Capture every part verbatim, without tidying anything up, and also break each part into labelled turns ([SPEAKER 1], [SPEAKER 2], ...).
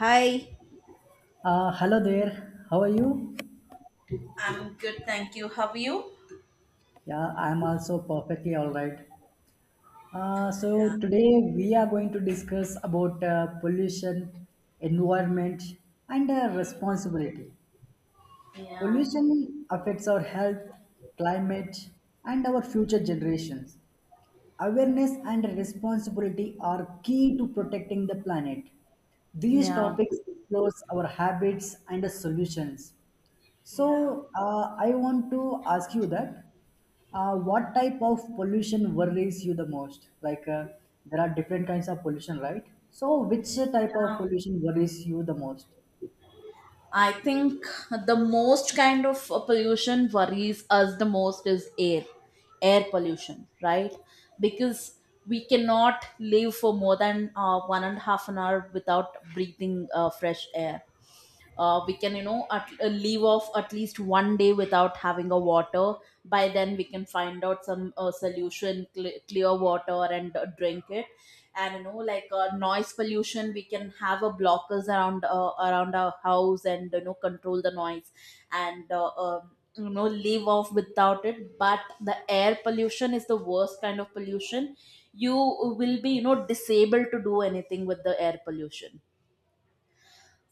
[SPEAKER 1] Hi.
[SPEAKER 2] Uh, hello there. How are you?
[SPEAKER 1] You?
[SPEAKER 2] Yeah, I'm also perfectly all right. Uh, so today we are going to discuss about uh, pollution, environment, and uh, responsibility. Pollution affects our health, climate, and our future generations. Awareness and responsibility are key to protecting the planet. These
[SPEAKER 1] Yeah.
[SPEAKER 2] topics explore our habits and solutions.
[SPEAKER 1] Yeah.
[SPEAKER 2] So, uh, I want to ask you that uh, what type of pollution worries you the most? Like, uh, there are different kinds of pollution, right? So, which type of pollution worries you the most?
[SPEAKER 1] I think the most kind of uh, pollution worries us the most is air, air pollution, right? Because we cannot live for more than uh, one and a half an hour without breathing uh, fresh air. Uh, we can you know at, uh, leave off at least one day without having a water. By then we can find out some uh, solution, cle clear water, and uh, drink it. And you know, like uh, noise pollution, we can have a blockers around uh, around our house and you know control the noise. And uh, um you know, live off without it. But the air pollution is the worst kind of pollution. You will be you know disabled to do anything with the air pollution.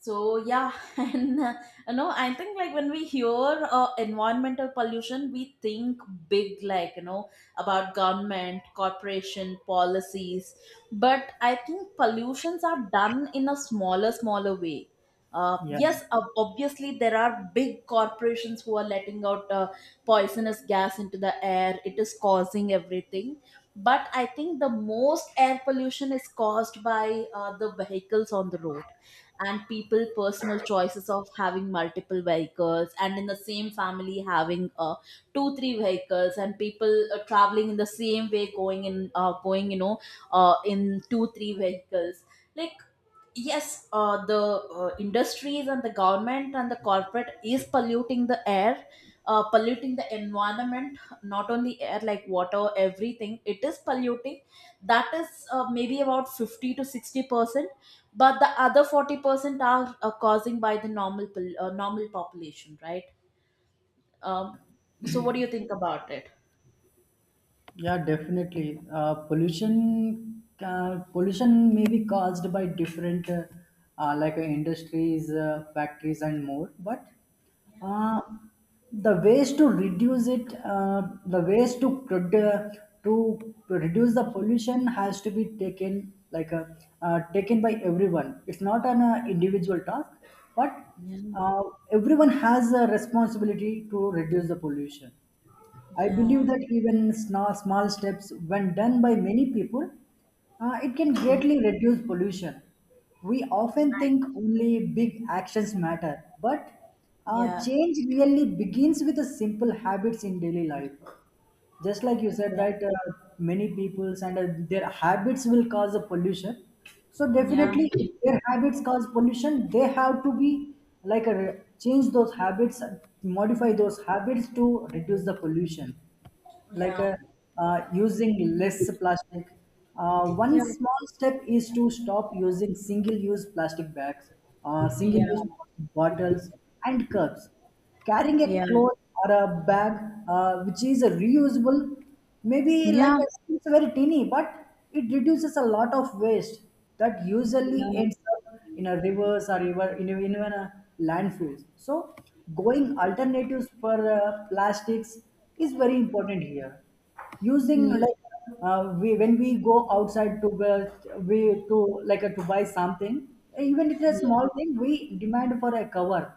[SPEAKER 1] So yeah, and uh, you know, I think, like, when we hear uh, environmental pollution, we think big, like you know, about government, corporation, policies. But I think pollutions are done in a smaller, smaller way. Uh,
[SPEAKER 2] Yeah.
[SPEAKER 1] yes, ob- obviously there are big corporations who are letting out uh, poisonous gas into the air. It is causing everything. But I think the most air pollution is caused by uh, the vehicles on the road and people personal choices of having multiple vehicles, and in the same family having uh, two three vehicles, and people uh, traveling in the same way, going in uh, going you know uh, in two three vehicles. Like, yes, uh, the uh, industries and the government and the corporate is polluting the air, uh, polluting the environment, not only air, like water, everything it is polluting. That is uh, maybe about fifty to sixty percent, but the other forty percent are uh, causing by the normal pol- uh, normal population, right? um, so what do you think about it?
[SPEAKER 2] Yeah, definitely. Uh, pollution uh, pollution may be caused by different uh, uh, like uh, industries, uh, factories, and more. But uh, the ways to reduce it, uh, the ways to produ- to reduce the pollution has to be taken like uh, uh, taken by everyone. It's not an uh, individual task, but
[SPEAKER 1] Yeah.
[SPEAKER 2] uh, everyone has a responsibility to reduce the pollution. I
[SPEAKER 1] Yeah.
[SPEAKER 2] believe that even sna- small steps, when done by many people, uh, it can
[SPEAKER 1] Yeah.
[SPEAKER 2] greatly reduce pollution. We often
[SPEAKER 1] I
[SPEAKER 2] think
[SPEAKER 1] agree.
[SPEAKER 2] only big actions matter, but uh,
[SPEAKER 1] Yeah.
[SPEAKER 2] change really begins with the simple habits in daily life. Just like you said
[SPEAKER 1] Yeah,
[SPEAKER 2] that uh, many people's and uh, their habits will cause the pollution. So
[SPEAKER 1] yeah,
[SPEAKER 2] definitely, if their habits cause pollution, they have to be like a, change those habits, modify those habits to reduce the pollution like
[SPEAKER 1] yeah,
[SPEAKER 2] uh, uh, using less plastic. Uh, one
[SPEAKER 1] yeah,
[SPEAKER 2] small step is to stop using single-use plastic bags, uh,
[SPEAKER 1] yeah,
[SPEAKER 2] single-use plastic bottles, and cups. Carrying a
[SPEAKER 1] yeah,
[SPEAKER 2] cloth or a bag uh, which is reusable, maybe like
[SPEAKER 1] yeah,
[SPEAKER 2] a, it's very tiny, but it reduces a lot of waste that usually
[SPEAKER 1] yeah.
[SPEAKER 2] ends up in a rivers or even in, even a landfills. So going alternatives for uh, plastics is very important here. Using like
[SPEAKER 1] Mm.
[SPEAKER 2] uh, we when we go outside to uh, we to like uh, to buy something, even it is a
[SPEAKER 1] Yeah,
[SPEAKER 2] small thing, we demand for a cover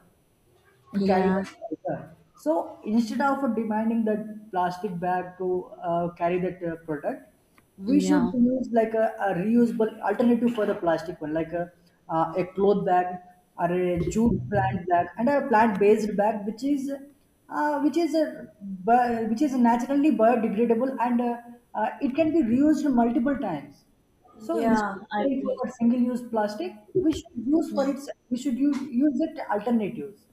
[SPEAKER 2] to carry
[SPEAKER 1] yeah,
[SPEAKER 2] that item. So instead of demanding that plastic bag to uh, carry that uh, product, we should
[SPEAKER 1] yeah,
[SPEAKER 2] use like a, a reusable alternative for the plastic one, like a, uh, a cloth bag or a jute plant bag and a plant-based bag, which is uh, which is a bi- which is naturally biodegradable and uh, uh, it can be reused multiple times. So instead
[SPEAKER 1] yeah, I
[SPEAKER 2] of for
[SPEAKER 1] agree.
[SPEAKER 2] that single-use plastic, we should use for
[SPEAKER 1] Yeah.
[SPEAKER 2] its we should use, use it alternatives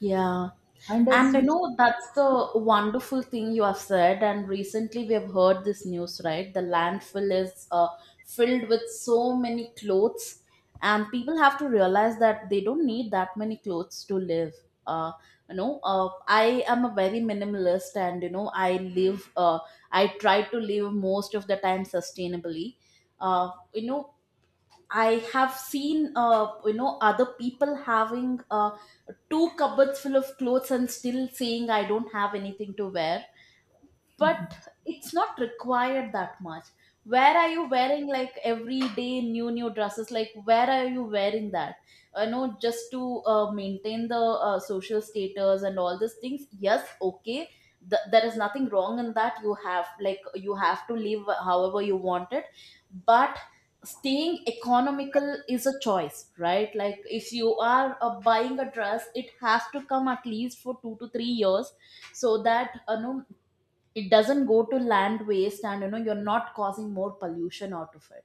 [SPEAKER 1] Yeah.
[SPEAKER 2] and that
[SPEAKER 1] And I
[SPEAKER 2] switch
[SPEAKER 1] know that's the wonderful thing you have said. And recently we have heard this news, right? The landfill is uh, filled with so many clothes, and people have to realize that they don't need that many clothes to live. Uh, you know, uh, I am a very minimalist, and you know, I live. Uh, I try to live most of the time sustainably. Uh, you know, I have seen, uh, you know, other people having uh, two cupboards full of clothes and still saying I don't have anything to wear, but it's not required that much. Where are you wearing like everyday new new dresses? Like, where are you wearing that? You know, just to uh, maintain the uh, social status and all these things. Yes, okay. Th- there is nothing wrong in that. You have, like, you have to live however you want it. But staying economical is a choice, right? Like, if you are uh, buying a dress, it has to come at least for two to three years, so that uh, no, it doesn't go to land waste and you know you're not causing more pollution out of it.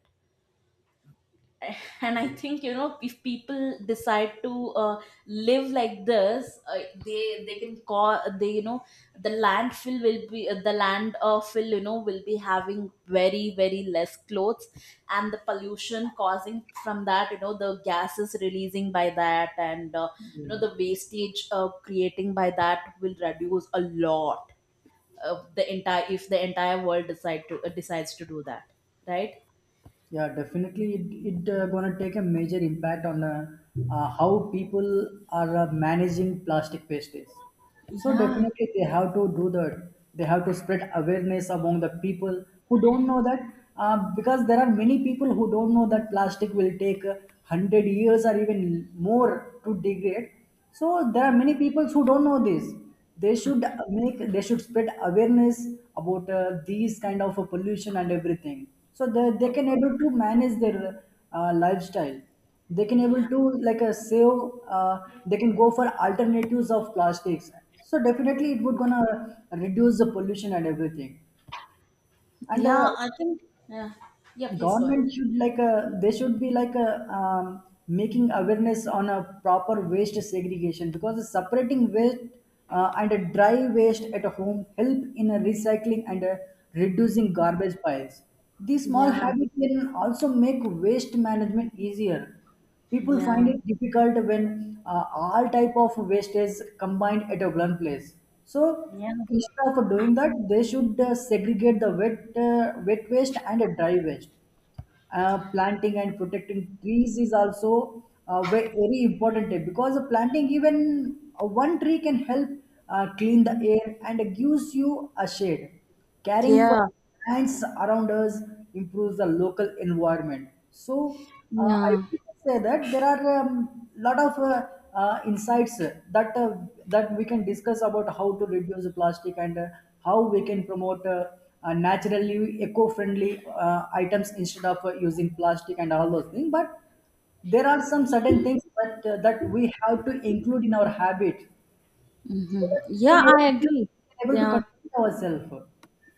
[SPEAKER 1] And I think, you know, if people decide to uh, live like this, uh, they they can call, they you know, the landfill will be uh, the land uh, fill, you know, will be having very very less clothes, and the pollution causing from that, you know, the gases releasing by that, and uh, you know, the wastage uh, creating by that will reduce a lot. Uh, the entire, if the entire world decide to uh, decides to do that, right?
[SPEAKER 2] yeah definitely it, it uh, gonna take a major impact on uh, uh, how people are uh, managing plastic wastage. So
[SPEAKER 1] Yeah.
[SPEAKER 2] definitely they have to do that. They have to spread awareness among the people who don't know that, uh, because there are many people who don't know that plastic will take uh, one hundred years or even more to degrade. So there are many people who don't know this. They should make they should spread awareness about uh, these kind of uh, pollution and everything so that they can able to manage their uh, lifestyle. They can able
[SPEAKER 1] Yeah.
[SPEAKER 2] to like uh, save, uh, they can go for alternatives of plastics. So definitely it would gonna reduce the pollution and everything. And uh,
[SPEAKER 1] Yeah. I think yeah, yeah. Please go ahead.
[SPEAKER 2] Government should like a they should be like a um, making awareness on a proper waste segregation, because separating waste uh, and a dry waste at home help in a recycling and a reducing garbage piles. These small
[SPEAKER 1] Yeah,
[SPEAKER 2] habits can also make waste management easier. People find
[SPEAKER 1] yeah,
[SPEAKER 2] it difficult when uh, all type of waste is combined at a one place. So
[SPEAKER 1] yeah,
[SPEAKER 2] instead of doing that they should uh, segregate the wet uh, wet waste and a dry waste. Uh, planting and protecting trees is also uh, ve- very important tip, because the planting even uh, one tree can help uh, clean the air and gives you a shade. Caring for
[SPEAKER 1] yeah,
[SPEAKER 2] plants around us improves the local environment. So uh, I
[SPEAKER 1] yeah.
[SPEAKER 2] say that there are um, lot of uh, uh, insights uh, that uh, that we can discuss about how to reduce the plastic and uh, how we can promote uh, uh, naturally eco-friendly uh, items instead of uh, using plastic and all those things. But there are some certain things that uh, that we have to include in our habit so
[SPEAKER 1] Hmm.
[SPEAKER 2] that we
[SPEAKER 1] Yeah,
[SPEAKER 2] can able,
[SPEAKER 1] I
[SPEAKER 2] we
[SPEAKER 1] agree.
[SPEAKER 2] can able to
[SPEAKER 1] Yeah.
[SPEAKER 2] control ourselves.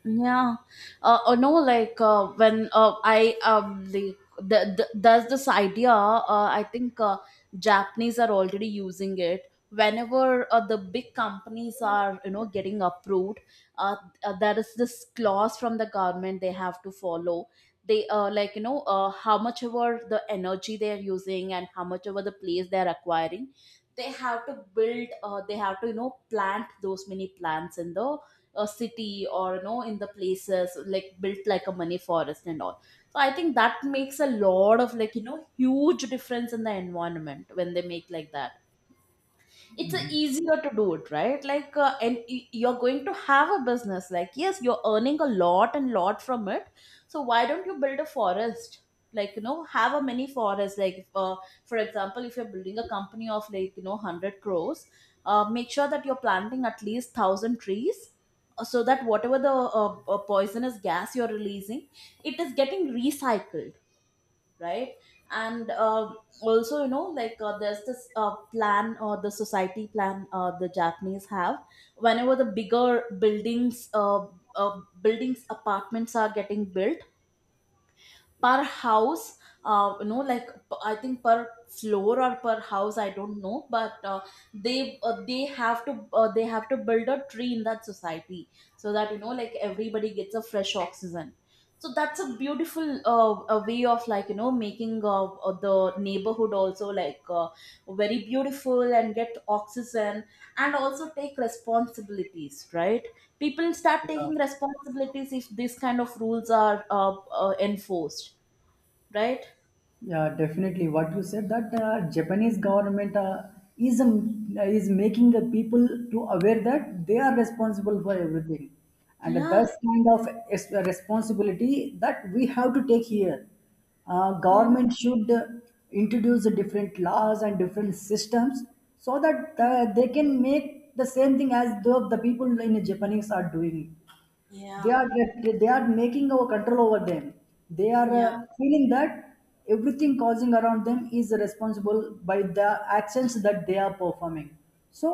[SPEAKER 1] Yeah. Uh, uh, no, like uh, when uh, I um the, the, the there's this idea. Uh, I think uh, Japanese are already using it. Whenever uh, the big companies are you know getting approved, uh, uh, there is this clause from the government they have to follow. They uh, like you know uh, how much ever the energy they are using and how much ever the place they are acquiring, they have to build. Uh, they have to you know plant those many plants in the a city, or you know, in the places, like built like a money forest and all. So I think that makes a lot of, like you know, huge difference in the environment when they make like that. It's a easier to do it, right? Like uh, and y- you're going to have a business. Like, yes, you're earning a lot and lot from it, so why don't you build a forest? Like, you know, have a mini forest. Like, if, uh, for example, if you're building a company of, like you know, one hundred crores, uh, make sure that you're planting at least one thousand trees, uh, so that whatever the uh, uh, poisonous gas you're releasing, it is getting recycled. Right. And uh, also you know, like uh, there's this uh, plan or the society plan, uh, the Japanese have. Whenever the bigger buildings uh, uh, buildings apartments are getting built, per house, uh, you know like, p- I think per floor or per house, I don't know, but uh, they uh, they have to uh, they have to build a tree in that society, so that you know like everybody gets a fresh oxygen. So that's a beautiful uh, a way of, like you know, making uh, uh, the neighborhood also like uh, very beautiful and get oxygen, and also take responsibilities, right? People start
[SPEAKER 2] Yeah.
[SPEAKER 1] taking responsibilities if these kind of rules are uh, uh, enforced, right?
[SPEAKER 2] Yeah, definitely. What you said that uh, Japanese government uh, is um, is making the people to aware that they are responsible for everything, and
[SPEAKER 1] Yeah,
[SPEAKER 2] that's kind of es- responsibility that we have to take here. Uh,
[SPEAKER 1] yeah.
[SPEAKER 2] government should uh, introduce the different laws and different systems so that uh, they can make the same thing as the the people in Japanese are doing. They
[SPEAKER 1] Yeah,
[SPEAKER 2] are just, they are making our control over them. They are uh,
[SPEAKER 1] yeah,
[SPEAKER 2] Feeling that everything causing around them is responsible by the actions that they are performing. So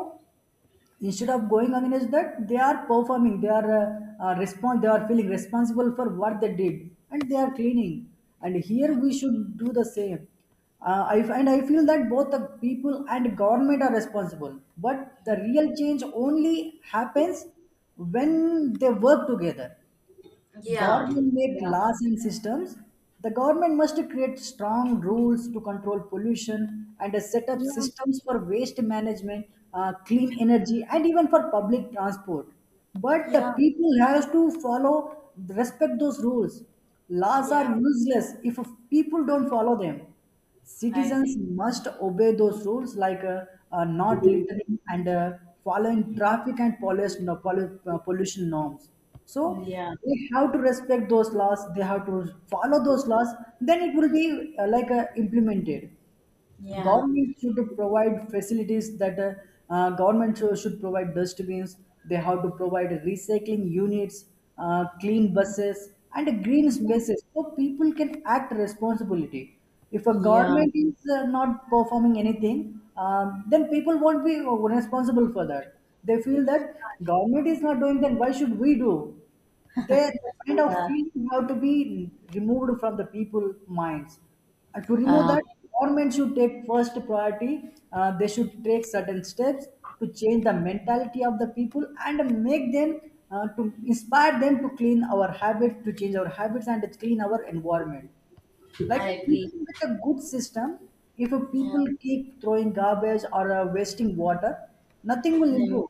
[SPEAKER 2] instead of going against that they are performing, they are uh, uh, respond they are feeling responsible for what they did and they are cleaning. And here we should do the same. Uh, I, and I feel that both the people and government are responsible. But the real change only happens when they work together.
[SPEAKER 1] yeah,
[SPEAKER 2] Government make
[SPEAKER 1] yeah,
[SPEAKER 2] laws and systems. The government must create strong rules to control pollution and uh, set up
[SPEAKER 1] yeah,
[SPEAKER 2] systems for waste management, uh, clean
[SPEAKER 1] yeah,
[SPEAKER 2] energy, and even for public transport. But the
[SPEAKER 1] yeah,
[SPEAKER 2] people has to follow, respect those rules. Laws are
[SPEAKER 1] yeah.
[SPEAKER 2] useless if people don't follow them.
[SPEAKER 1] I
[SPEAKER 2] Citizens
[SPEAKER 1] agree.
[SPEAKER 2] must obey those rules like uh, uh, not littering and uh, following traffic and pollution, no, pollu- uh, pollution norms. So
[SPEAKER 1] Yeah.
[SPEAKER 2] they have to respect those laws. They have to follow those laws. Then it will be uh, like uh, implemented.
[SPEAKER 1] Yeah,
[SPEAKER 2] Government should provide facilities that uh, uh, government should should provide dustbins. They have to provide recycling units, uh, clean buses, and green
[SPEAKER 1] yeah,
[SPEAKER 2] spaces so people can act responsibility. If a
[SPEAKER 1] yeah,
[SPEAKER 2] government is uh, not performing anything, um, then people won't be responsible for that. They feel that government is not doing, then why should we do. They, the kind of
[SPEAKER 1] yeah.
[SPEAKER 2] feeling have to be removed from the people minds. And to remove
[SPEAKER 1] uh,
[SPEAKER 2] that, government should take first priority. Uh, they should take certain steps to change the mentality of the people and make them, uh, to inspire them to clean our habits, to change our habits and to clean our environment. Like
[SPEAKER 1] I agree.
[SPEAKER 2] even with a good system, if a
[SPEAKER 1] Yeah.
[SPEAKER 2] people keep throwing garbage or uh, wasting water, nothing will
[SPEAKER 1] Yeah.
[SPEAKER 2] improve.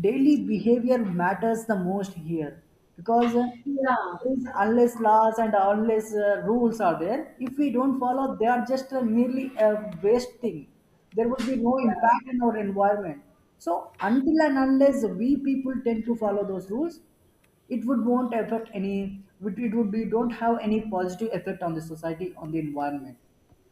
[SPEAKER 2] Daily behavior matters the most here, because uh,
[SPEAKER 1] Yeah.
[SPEAKER 2] is unless laws and unless uh, rules are there, if we don't follow, they are just a, merely a waste thing. There would be no impact in our environment. So until and unless we people tend to follow those rules, it would won't affect any, it would be don't have any positive effect on the society on the environment.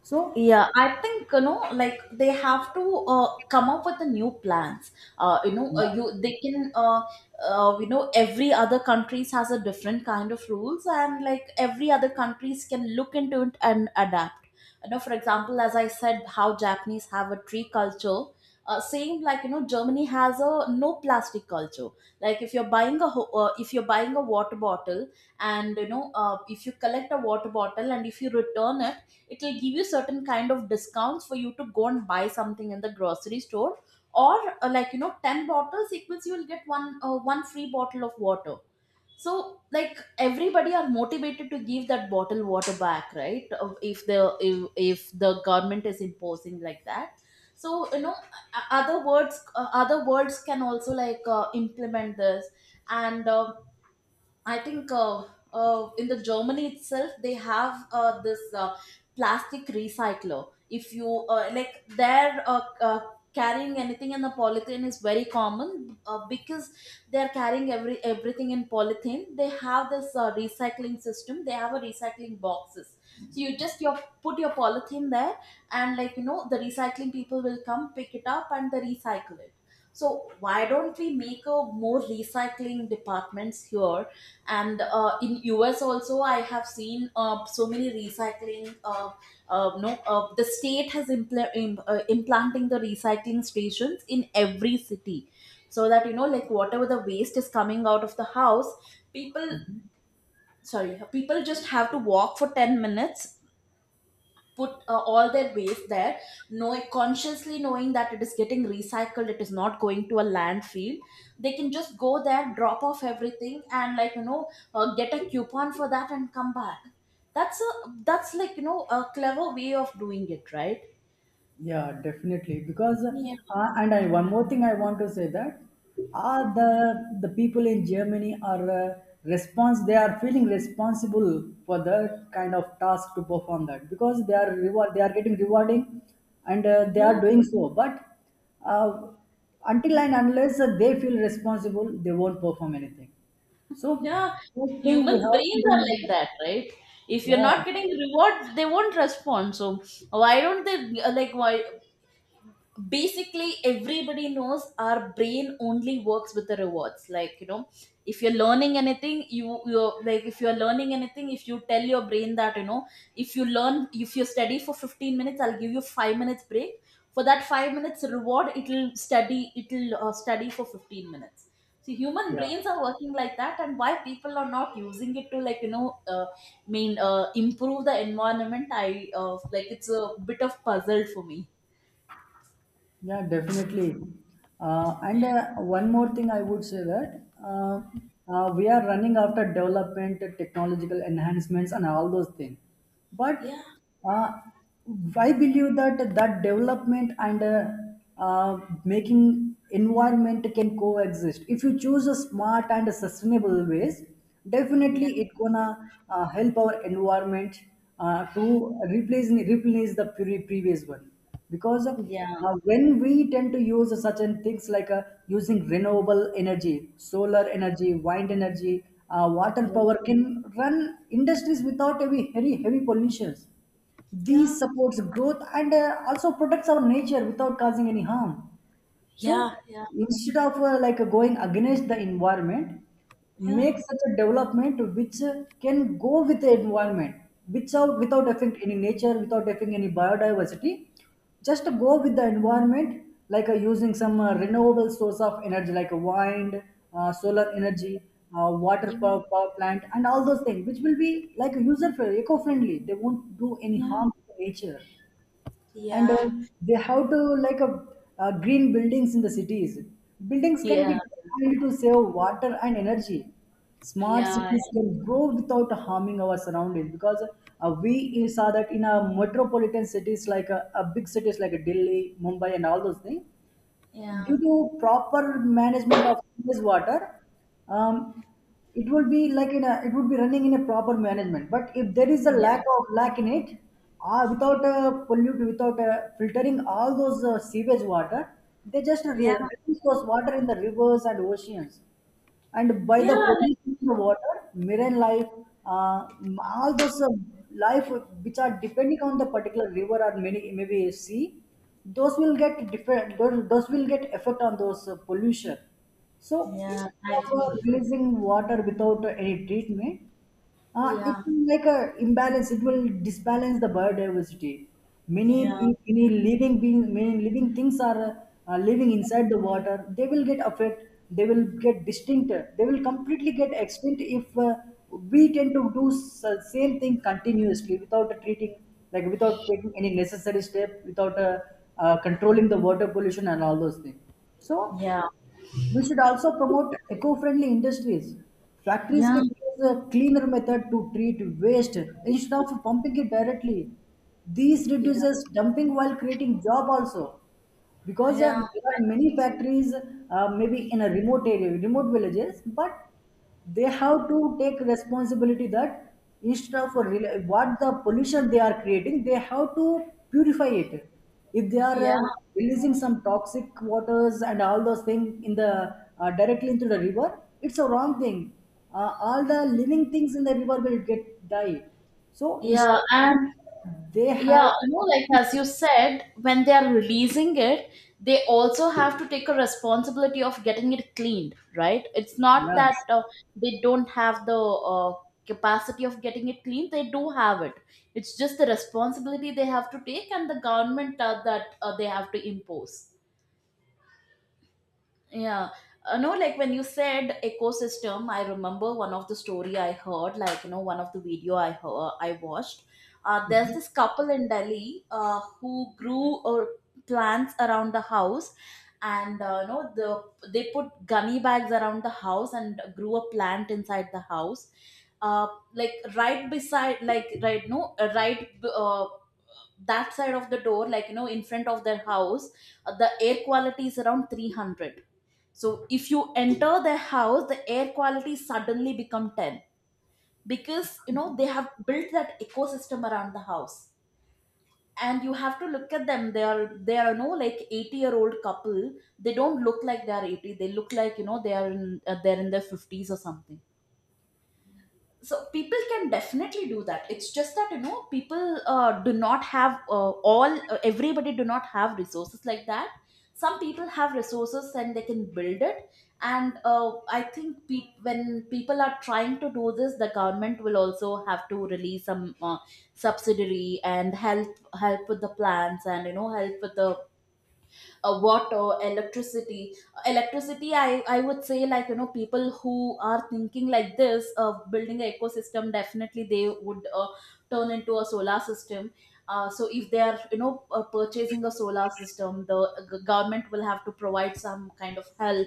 [SPEAKER 2] So
[SPEAKER 1] Yeah, I think, you know, like they have to uh, come up with the new plans. Uh, you know, uh, you they can uh, uh, you know, every other countries has a different kind of rules, and like every other countries can look into it and adapt. You know, for example, as I said, how Japanese have a tree culture. Uh, same like you know, Germany has a no plastic culture. Like, if you're buying a ho- uh, if you're buying a water bottle, and you know, uh, if you collect a water bottle and if you return it, it will give you certain kind of discounts for you to go and buy something in the grocery store, or uh, like you know, ten bottles equals you will get one uh, one free bottle of water. So like everybody are motivated to give that bottle water back, right? Uh, if the if, if the government is imposing like that. So you know, o- other words, uh, other words can also like uh, implement this. And um, I think uh, uh, in the Germany itself, they have uh, this uh, plastic recycler. If you uh, like, they're uh, uh, carrying anything in the polythene is very common, uh, because they're carrying every everything in polythene. They have this uh, recycling system. They have a recycling boxes. So you just you put your polythene there, and like you know, the recycling people will come pick it up and they recycle it. So why don't we make a more recycling departments here? And uh, in us also I have seen uh, so many recycling uh, uh, no uh, the state has impl- im- uh, implanting the recycling stations in every city, so that you know, like whatever the waste is coming out of the house, people, sorry, people just have to walk for ten minutes, put uh, all their waste there, knowing, consciously knowing that it is getting recycled, it is not going to a landfill. They can just go there, drop off everything, and like you know, uh, get a coupon for that and come back. That's a, that's like you know a clever way of doing it, right?
[SPEAKER 2] Yeah, definitely. Because
[SPEAKER 1] Yeah,
[SPEAKER 2] uh, and I, one more thing I want to say that, uh, the the people in Germany are uh, response. They are feeling responsible for the kind of task to perform that because they are reward. They are getting rewarding, and uh, they are
[SPEAKER 1] yeah,
[SPEAKER 2] doing so. But uh, until and unless uh, they feel responsible, they won't perform anything. So
[SPEAKER 1] yeah.
[SPEAKER 2] first thing we
[SPEAKER 1] Humans
[SPEAKER 2] have to
[SPEAKER 1] brains
[SPEAKER 2] do
[SPEAKER 1] are
[SPEAKER 2] is
[SPEAKER 1] like that, right? If you're
[SPEAKER 2] yeah,
[SPEAKER 1] not getting reward they won't respond. So why don't they uh, like why, basically everybody knows our brain only works with the rewards. Like you know, if you're learning anything, you you're like, if you're learning anything, if you tell your brain that you know, if you learn, if you study for fifteen minutes, I'll give you five minutes break. For that five minutes reward, it'll study, it'll uh, study for fifteen minutes. So human
[SPEAKER 2] yeah.
[SPEAKER 1] brains are working like that, and why people are not using it to like you know uh, mean uh, improve the environment? I uh, like it's a bit of puzzle for me.
[SPEAKER 2] Yeah, definitely. Uh, and uh, One more thing I would say that uh, uh, we are running after development, uh, technological enhancements, and all those things. But
[SPEAKER 1] Yeah.
[SPEAKER 2] uh, I believe that that development and uh, uh, making environment can coexist. If you choose a smart and a sustainable ways,
[SPEAKER 1] Yeah.
[SPEAKER 2] definitely it gonna uh, help our environment uh, to replace replace the pre- previous one, because uh,
[SPEAKER 1] Yeah.
[SPEAKER 2] uh, when we tend to use such and things like uh, using renewable energy, solar energy, wind energy, uh, water
[SPEAKER 1] Yeah.
[SPEAKER 2] power can run industries without heavy heavy, heavy pollutions.
[SPEAKER 1] Yeah,
[SPEAKER 2] These supports growth and uh, also protects our nature without causing any harm. So
[SPEAKER 1] yeah. Yeah.
[SPEAKER 2] instead of uh, like uh, going against the environment,
[SPEAKER 1] Yeah.
[SPEAKER 2] make such a development which uh, can go with the environment, without without affecting any nature, without affecting any biodiversity. Just go with the environment, like uh, using some uh, renewable source of energy, like wind, uh, solar energy, uh, water
[SPEAKER 1] Do-
[SPEAKER 2] power, power plant, and all those things, which will be like user friendly, eco friendly. They won't do any
[SPEAKER 1] Yeah.
[SPEAKER 2] harm to nature. And uh,
[SPEAKER 1] Yeah.
[SPEAKER 2] They have to like a, uh, green buildings in the cities. Buildings can
[SPEAKER 1] Yeah.
[SPEAKER 2] be designed to save water and energy. Smart
[SPEAKER 1] Yeah.
[SPEAKER 2] cities can grow without harming our surroundings, because uh, we saw that in our metropolitan cities like uh, uh, big cities like Delhi, Mumbai, and all those things,
[SPEAKER 1] Yeah.
[SPEAKER 2] due to proper management of sewage water, um, it will be like in a, it would be running in a proper management. But if there is a lack of lack in it, uh, without uh, pollute, without uh, filtering all those uh, sewage water, they just re-
[SPEAKER 1] Yeah.
[SPEAKER 2] release those water in the rivers and oceans, and by
[SPEAKER 1] Yeah,
[SPEAKER 2] the
[SPEAKER 1] yeah, like,
[SPEAKER 2] pollution of the water, marine life, uh, all those uh, life which are depending on the particular river or many maybe sea, those will get different. Those, those will get effect on those uh, pollution. So
[SPEAKER 1] Yeah.
[SPEAKER 2] instead
[SPEAKER 1] I
[SPEAKER 2] of uh,
[SPEAKER 1] agree.
[SPEAKER 2] releasing water without any treatment, uh, it
[SPEAKER 1] Yeah.
[SPEAKER 2] will like a imbalance. It will disbalance the biodiversity. Many
[SPEAKER 1] Yeah.
[SPEAKER 2] pe- many living being many living things are uh, uh, living inside the water. They will get affected. They will get distinct. They will completely get extinct if uh, we tend to do s- same thing continuously without treating, like without taking any necessary step, without uh, uh, controlling the water pollution and all those things. So
[SPEAKER 1] Yeah.
[SPEAKER 2] we should also promote eco-friendly industries. Factories can
[SPEAKER 1] Yeah.
[SPEAKER 2] use a cleaner method to treat waste instead of pumping it directly. This
[SPEAKER 1] Yeah,
[SPEAKER 2] reduces dumping while creating job also, because uh,
[SPEAKER 1] yeah,
[SPEAKER 2] there are many factories uh, maybe in a remote area remote villages, but they have to take responsibility that instead of a rela- what the pollution they are creating, they have to purify it. If they are
[SPEAKER 1] Yeah.
[SPEAKER 2] um, releasing some toxic waters and all those things in the uh, directly into the river, it's a wrong thing. Uh, all the living things in the river will get die, so
[SPEAKER 1] Yeah.
[SPEAKER 2] instead
[SPEAKER 1] And
[SPEAKER 2] they have.
[SPEAKER 1] Yeah, no, like as you said, when they are releasing it, they also have to take a responsibility of getting it cleaned, right? It's not
[SPEAKER 2] Yeah,
[SPEAKER 1] that uh, they don't have the uh, capacity of getting it cleaned, they do have it. It's just the responsibility they have to take and the government uh, that uh, they have to impose. Yeah. Uh, no, like when you said ecosystem, I remember one of the story I heard, like, you know, one of the video I heard, I watched. Uh, there's this couple in Delhi uh, who grew or plants around the house and uh, you know the they put gummy bags around the house and grew a plant inside the house uh, like right beside like right no uh, right uh, that side of the door, like you know, in front of their house. Uh, the air quality is around three hundred, so if you enter their house, the air quality suddenly become ten because you know they have built that ecosystem around the house. And you have to look at them. They are they are you know like eighty year old couple. They don't look like they are eighty. They look like you know they are in uh, they're in their fifties or something. So people can definitely do that, it's just that you know people uh, do not have uh, all uh, everybody do not have resources like that. Some people have resources and they can build it, and uh, I think pe- when people are trying to do this the government will also have to release some uh, subsidiary and help help with the plans and you know help with the uh, water, electricity. Electricity i i would say like you know people who are thinking like this of building an ecosystem definitely they would uh, turn into a solar system. Uh, so if they are you know uh, purchasing a solar system, the g- government will have to provide some kind of help,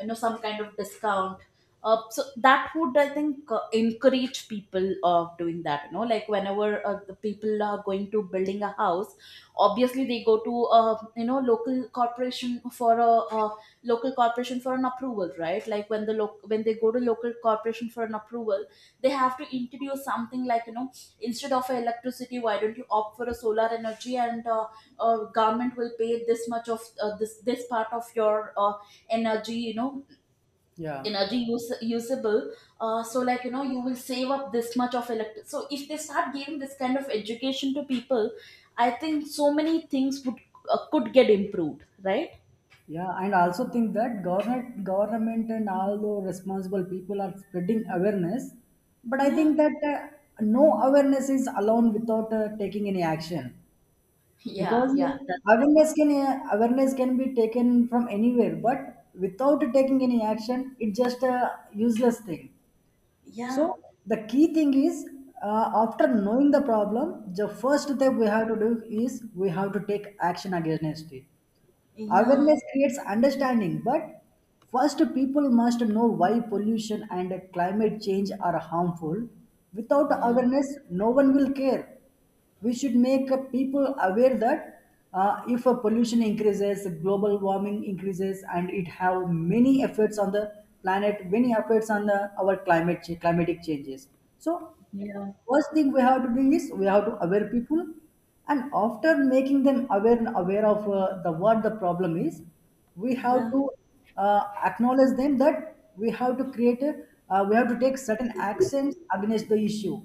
[SPEAKER 1] you know, some kind of discount. Uh, so that would I think uh, encourage people of doing that, you know, like whenever uh, the people are going to building a house, obviously they go to uh you know local corporation for a, uh local corporation for an approval, right? Like when the loc when they go to local corporation for an approval they have to introduce something, like you know, instead of electricity why don't you opt for a solar energy, and uh, uh, government will pay this much of uh, this this part of your uh, energy, you know,
[SPEAKER 2] yeah.
[SPEAKER 1] energy use, usable. Uh, so like you know you will save up this much of electric, so if they start giving this kind of education to people I think so many things would uh, could get improved, right?
[SPEAKER 2] Yeah, and also think that government, government and all the responsible people are spreading awareness, but I
[SPEAKER 1] Yeah,
[SPEAKER 2] think that uh, no awareness is alone without uh, taking any action,
[SPEAKER 1] yeah,
[SPEAKER 2] because
[SPEAKER 1] yeah, that's it.
[SPEAKER 2] awareness can uh, awareness can be taken from anywhere, but without taking any action, it's just a useless thing.
[SPEAKER 1] Yeah,
[SPEAKER 2] So the key thing is, uh, after knowing the problem, the first step we have to do is we have to take action against it.
[SPEAKER 1] yeah,
[SPEAKER 2] Awareness creates understanding, but first people must know why pollution and climate change are harmful. Without
[SPEAKER 1] yeah,
[SPEAKER 2] awareness, no one will care. We should make uh, people aware that uh, if uh, pollution increases, global warming increases, and it have many effects on the planet, many effects on the, our climate cha- climatic changes. So
[SPEAKER 1] yeah,
[SPEAKER 2] first thing we have to do is we have to aware people, and after making them aware and aware of uh, the what the problem is, we have
[SPEAKER 1] yeah,
[SPEAKER 2] to uh, acknowledge them that we have to create a, uh, we have to take certain actions against the issue.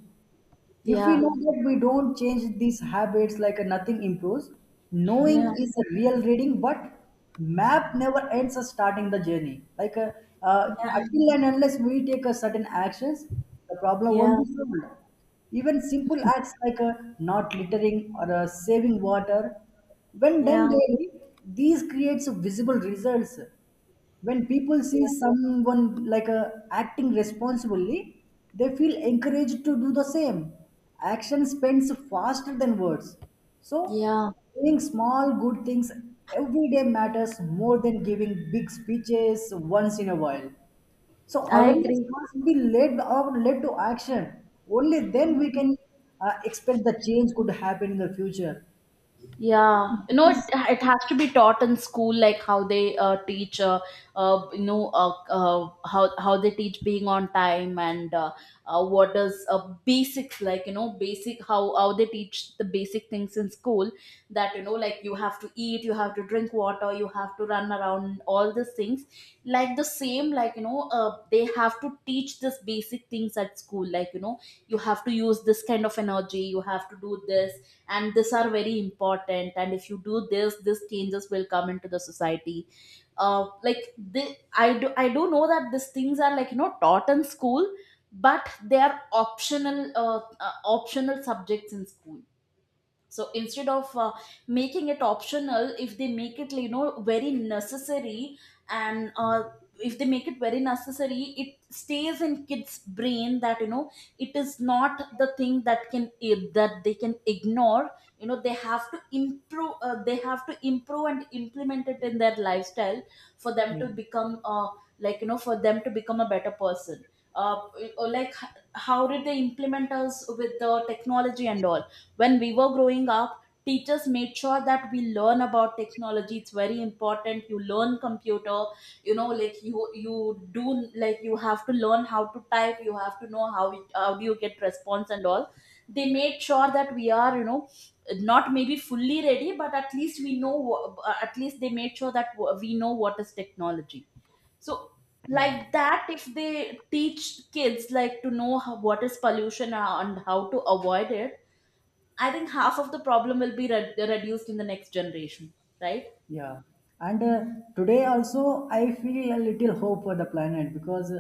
[SPEAKER 2] If we
[SPEAKER 1] yeah,
[SPEAKER 2] know that we don't change these habits, like uh, nothing improves, knowing
[SPEAKER 1] yeah,
[SPEAKER 2] is a real reading, but map never ends us starting the journey. Like uh, uh,
[SPEAKER 1] yeah,
[SPEAKER 2] until and unless we take a certain actions, the problem won't
[SPEAKER 1] yeah,
[SPEAKER 2] be solved. Even simple acts like uh, not littering or uh, saving water, when done
[SPEAKER 1] yeah.
[SPEAKER 2] daily, these creates visible results. When people see someone like uh, acting responsibly, they feel encouraged to do the same. Action spends faster than words, so
[SPEAKER 1] Yeah,
[SPEAKER 2] doing small good things every day matters more than giving big speeches once in a while. So
[SPEAKER 1] I
[SPEAKER 2] awareness
[SPEAKER 1] agree.
[SPEAKER 2] must be led or led to action. Only then we can uh, expect the change could happen in the future.
[SPEAKER 1] Yeah, you know,
[SPEAKER 2] This
[SPEAKER 1] it,
[SPEAKER 2] is.
[SPEAKER 1] it has to be taught in school, like how they uh, teach, uh, uh, you know, uh, uh, how how they teach being on time and uh, uh, what is uh, basics, like you know, basic how how they teach the basic things in school. That you know, like you have to eat, you have to drink water, you have to run around, all these things. Like the same, like you know, uh, they have to teach this basic things at school. Like you know, you have to use this kind of energy, you have to do this, and these are very important and if you do this these changes will come into the society. Uh, like they, I do I do know that these things are like you know taught in school, but they are optional uh, uh, optional subjects in school. So instead of uh, making it optional if they make it you know very necessary, and uh, if they make it very necessary it stays in kids brain that you know it is not the thing that can eh, that they can ignore. You know they have to improve uh, they have to improve and implement it in their lifestyle for them
[SPEAKER 2] Yeah,
[SPEAKER 1] to become uh, like you know for them to become a better person. uh, or like h- how did they implement us with the technology and all when we were growing up. Teachers made sure that we learn about technology, it's very important you learn computer, you know, like you you do, like you have to learn how to type, you have to know how it, how do you get response and all. They made sure that we are you know not maybe fully ready but at least we know wha- uh, at least they made sure that we know what is technology. So
[SPEAKER 2] yeah.
[SPEAKER 1] like that if they teach kids like to know how, what is pollution and how to avoid it, I think half of the problem will be re- reduced in the next generation, right?
[SPEAKER 2] Yeah, and uh, today also I feel a little hope for the planet, because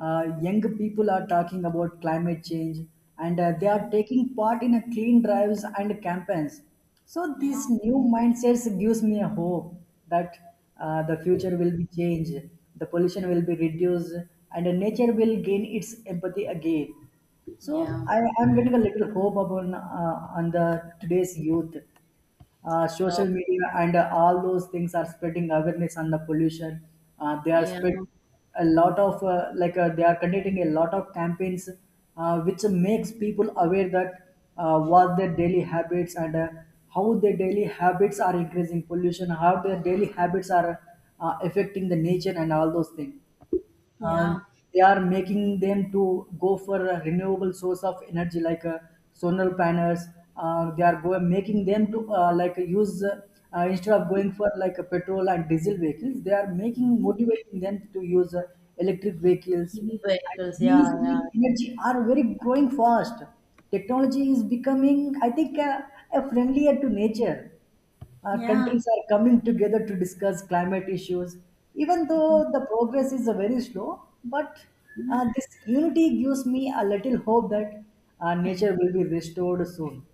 [SPEAKER 2] uh, young people are talking about climate change, and uh, they are taking part in a clean drives and campaigns. So these
[SPEAKER 1] Yeah.
[SPEAKER 2] new mindsets gives me a hope that uh, the future will be changed, the pollution will be reduced, and uh, nature will gain its empathy again. So
[SPEAKER 1] Yeah.
[SPEAKER 2] I am getting a little hope upon uh, on the today's youth. Uh,
[SPEAKER 1] Uh,
[SPEAKER 2] social media and uh, all those things are spreading awareness on the pollution. Uh, they are
[SPEAKER 1] Yeah.
[SPEAKER 2] spread a lot of uh, like uh, they are conducting a lot of campaigns, uh, which makes people aware that uh, what their daily habits and uh, how their daily habits are increasing pollution, how their daily habits are uh, affecting the nature and all those things. uh,
[SPEAKER 1] Yeah.
[SPEAKER 2] they are making them to go for a renewable source of energy, like uh, solar panels. Uh, they are go- making them to uh, like use uh, uh, instead of going for like a petrol and diesel vehicles, they are making motivating them to use uh, electric vehicles.
[SPEAKER 1] E V
[SPEAKER 2] And
[SPEAKER 1] vehicles.
[SPEAKER 2] these
[SPEAKER 1] Yeah. Yeah.
[SPEAKER 2] green energy are very growing fast. Technology is becoming, I think uh, uh, friendlier to nature. Uh,
[SPEAKER 1] Yeah.
[SPEAKER 2] countries are coming together to discuss climate issues. Even though the progress is uh, very slow, but uh, this unity gives me a little hope that uh, nature will be restored soon.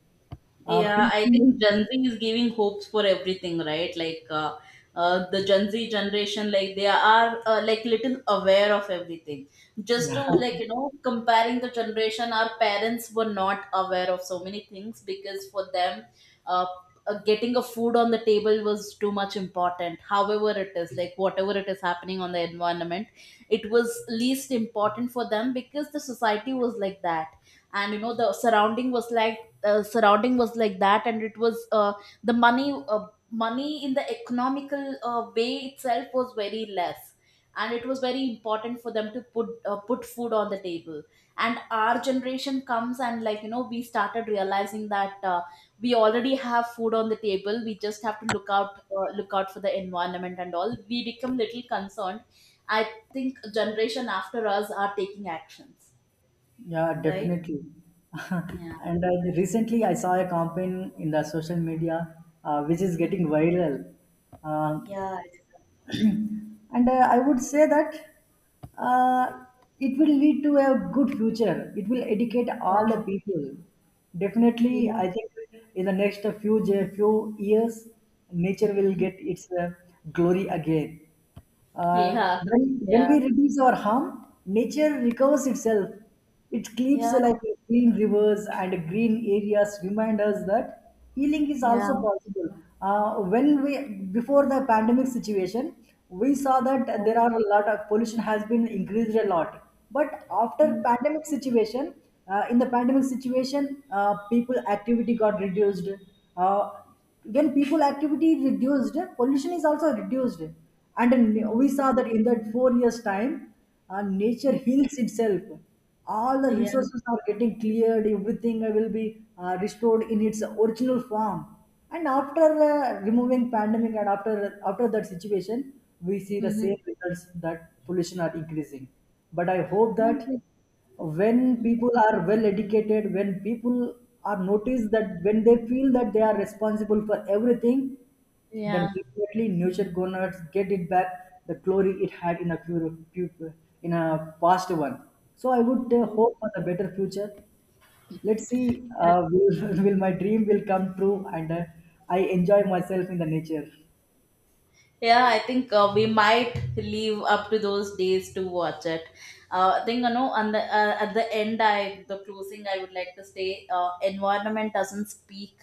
[SPEAKER 2] Uh,
[SPEAKER 1] Yeah, I
[SPEAKER 2] people,
[SPEAKER 1] think Gen Z is giving hopes for everything, right? Like uh, uh, the Gen Z generation, like they are uh, like little aware of everything. Just to
[SPEAKER 2] yeah,
[SPEAKER 1] like you know, comparing the generation, our parents were not aware of so many things because for them, uh, uh, getting a food on the table was too much important. However, it is like whatever it is happening on the environment, it was least important for them because the society was like that and you know the surrounding was like uh, surrounding was like that, and it was uh, the money uh, money in the economical uh, way itself was very less, and it was very important for them to put uh, put food on the table. And our generation comes and like you know we started realizing that uh, we already have food on the table, we just have to look out uh, look out for the environment and all, we become little concerned. I think generation after us are taking actions,
[SPEAKER 2] yeah,
[SPEAKER 1] right?
[SPEAKER 2] definitely.
[SPEAKER 1] Yeah.
[SPEAKER 2] And I, recently, I saw a campaign in the social media uh, which is
[SPEAKER 1] Hmm.
[SPEAKER 2] getting viral. Uh,
[SPEAKER 1] Yeah.
[SPEAKER 2] and uh, I would say that uh, it will lead to a good future. It will educate all the
[SPEAKER 1] Yeah.
[SPEAKER 2] people, definitely.
[SPEAKER 1] Yeah,
[SPEAKER 2] I think in the next few few years nature will get its uh, glory again. Uh,
[SPEAKER 1] yeah,
[SPEAKER 2] when, when
[SPEAKER 1] yeah,
[SPEAKER 2] we reduce our harm, nature recovers itself. It keeps
[SPEAKER 1] yeah,
[SPEAKER 2] uh, like clean rivers and green areas remind us that healing is also
[SPEAKER 1] yeah,
[SPEAKER 2] possible. Uh, when we Before the pandemic situation, we saw that
[SPEAKER 1] yeah,
[SPEAKER 2] there are a lot of pollution has been increased a lot. But after pandemic situation, uh, in the pandemic situation, uh, people activity got reduced. Uh, when people activity reduced, pollution is also reduced, and n- we saw that in that four years time uh, nature heals itself. All the
[SPEAKER 1] yeah,
[SPEAKER 2] resources are getting cleared, everything will be uh, restored in its original form. And after uh, removing pandemic, and after, after that situation, we see the
[SPEAKER 1] mhm, yeah,
[SPEAKER 2] same results, that pollution are increasing. But I hope that
[SPEAKER 1] mhm,
[SPEAKER 2] when people are well educated, when people are noticed, that when they feel that they are responsible for everything, then
[SPEAKER 1] yeah,
[SPEAKER 2] definitely nature gonna get it back, the glory it had in a fu- fu- in a past one. So I would uh, hope for the better future. Let's see
[SPEAKER 1] yeah.
[SPEAKER 2] uh, will, will my dream will come true, and uh, I enjoy myself in the nature.
[SPEAKER 1] Yeah, I think uh, we might leave up to those days to watch it. Uh, I think you know, on the uh, at the end, I the closing I would like to say, uh, environment doesn't speak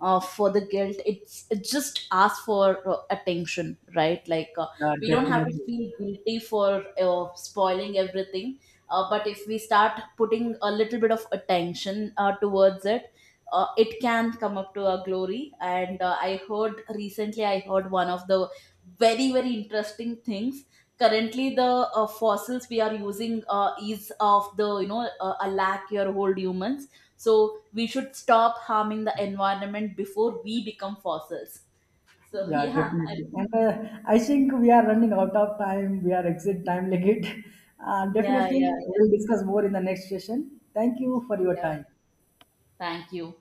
[SPEAKER 1] uh, for the guilt. It's it just asks for uh, attention, right? Like uh,
[SPEAKER 2] Uh,
[SPEAKER 1] we don't have to
[SPEAKER 2] definitely.
[SPEAKER 1] feel guilty for uh, spoiling everything, uh, but if we start putting a little bit of attention uh, towards it. Uh, it can come up to our glory. And uh, i heard recently i heard one of the very very interesting things. Currently the uh, fossils we are using uh, is of the you know uh, a lakh year old humans. So we should stop harming the environment before we become fossils. So
[SPEAKER 2] Yeah,
[SPEAKER 1] yeah I,
[SPEAKER 2] definitely. And uh, I think we are running out of time. We are exit time limit. Uh,
[SPEAKER 1] yeah, yeah,
[SPEAKER 2] definitely,
[SPEAKER 1] yeah,
[SPEAKER 2] we'll discuss more in the next session. Thank you for your
[SPEAKER 1] yeah,
[SPEAKER 2] time.
[SPEAKER 1] thank you.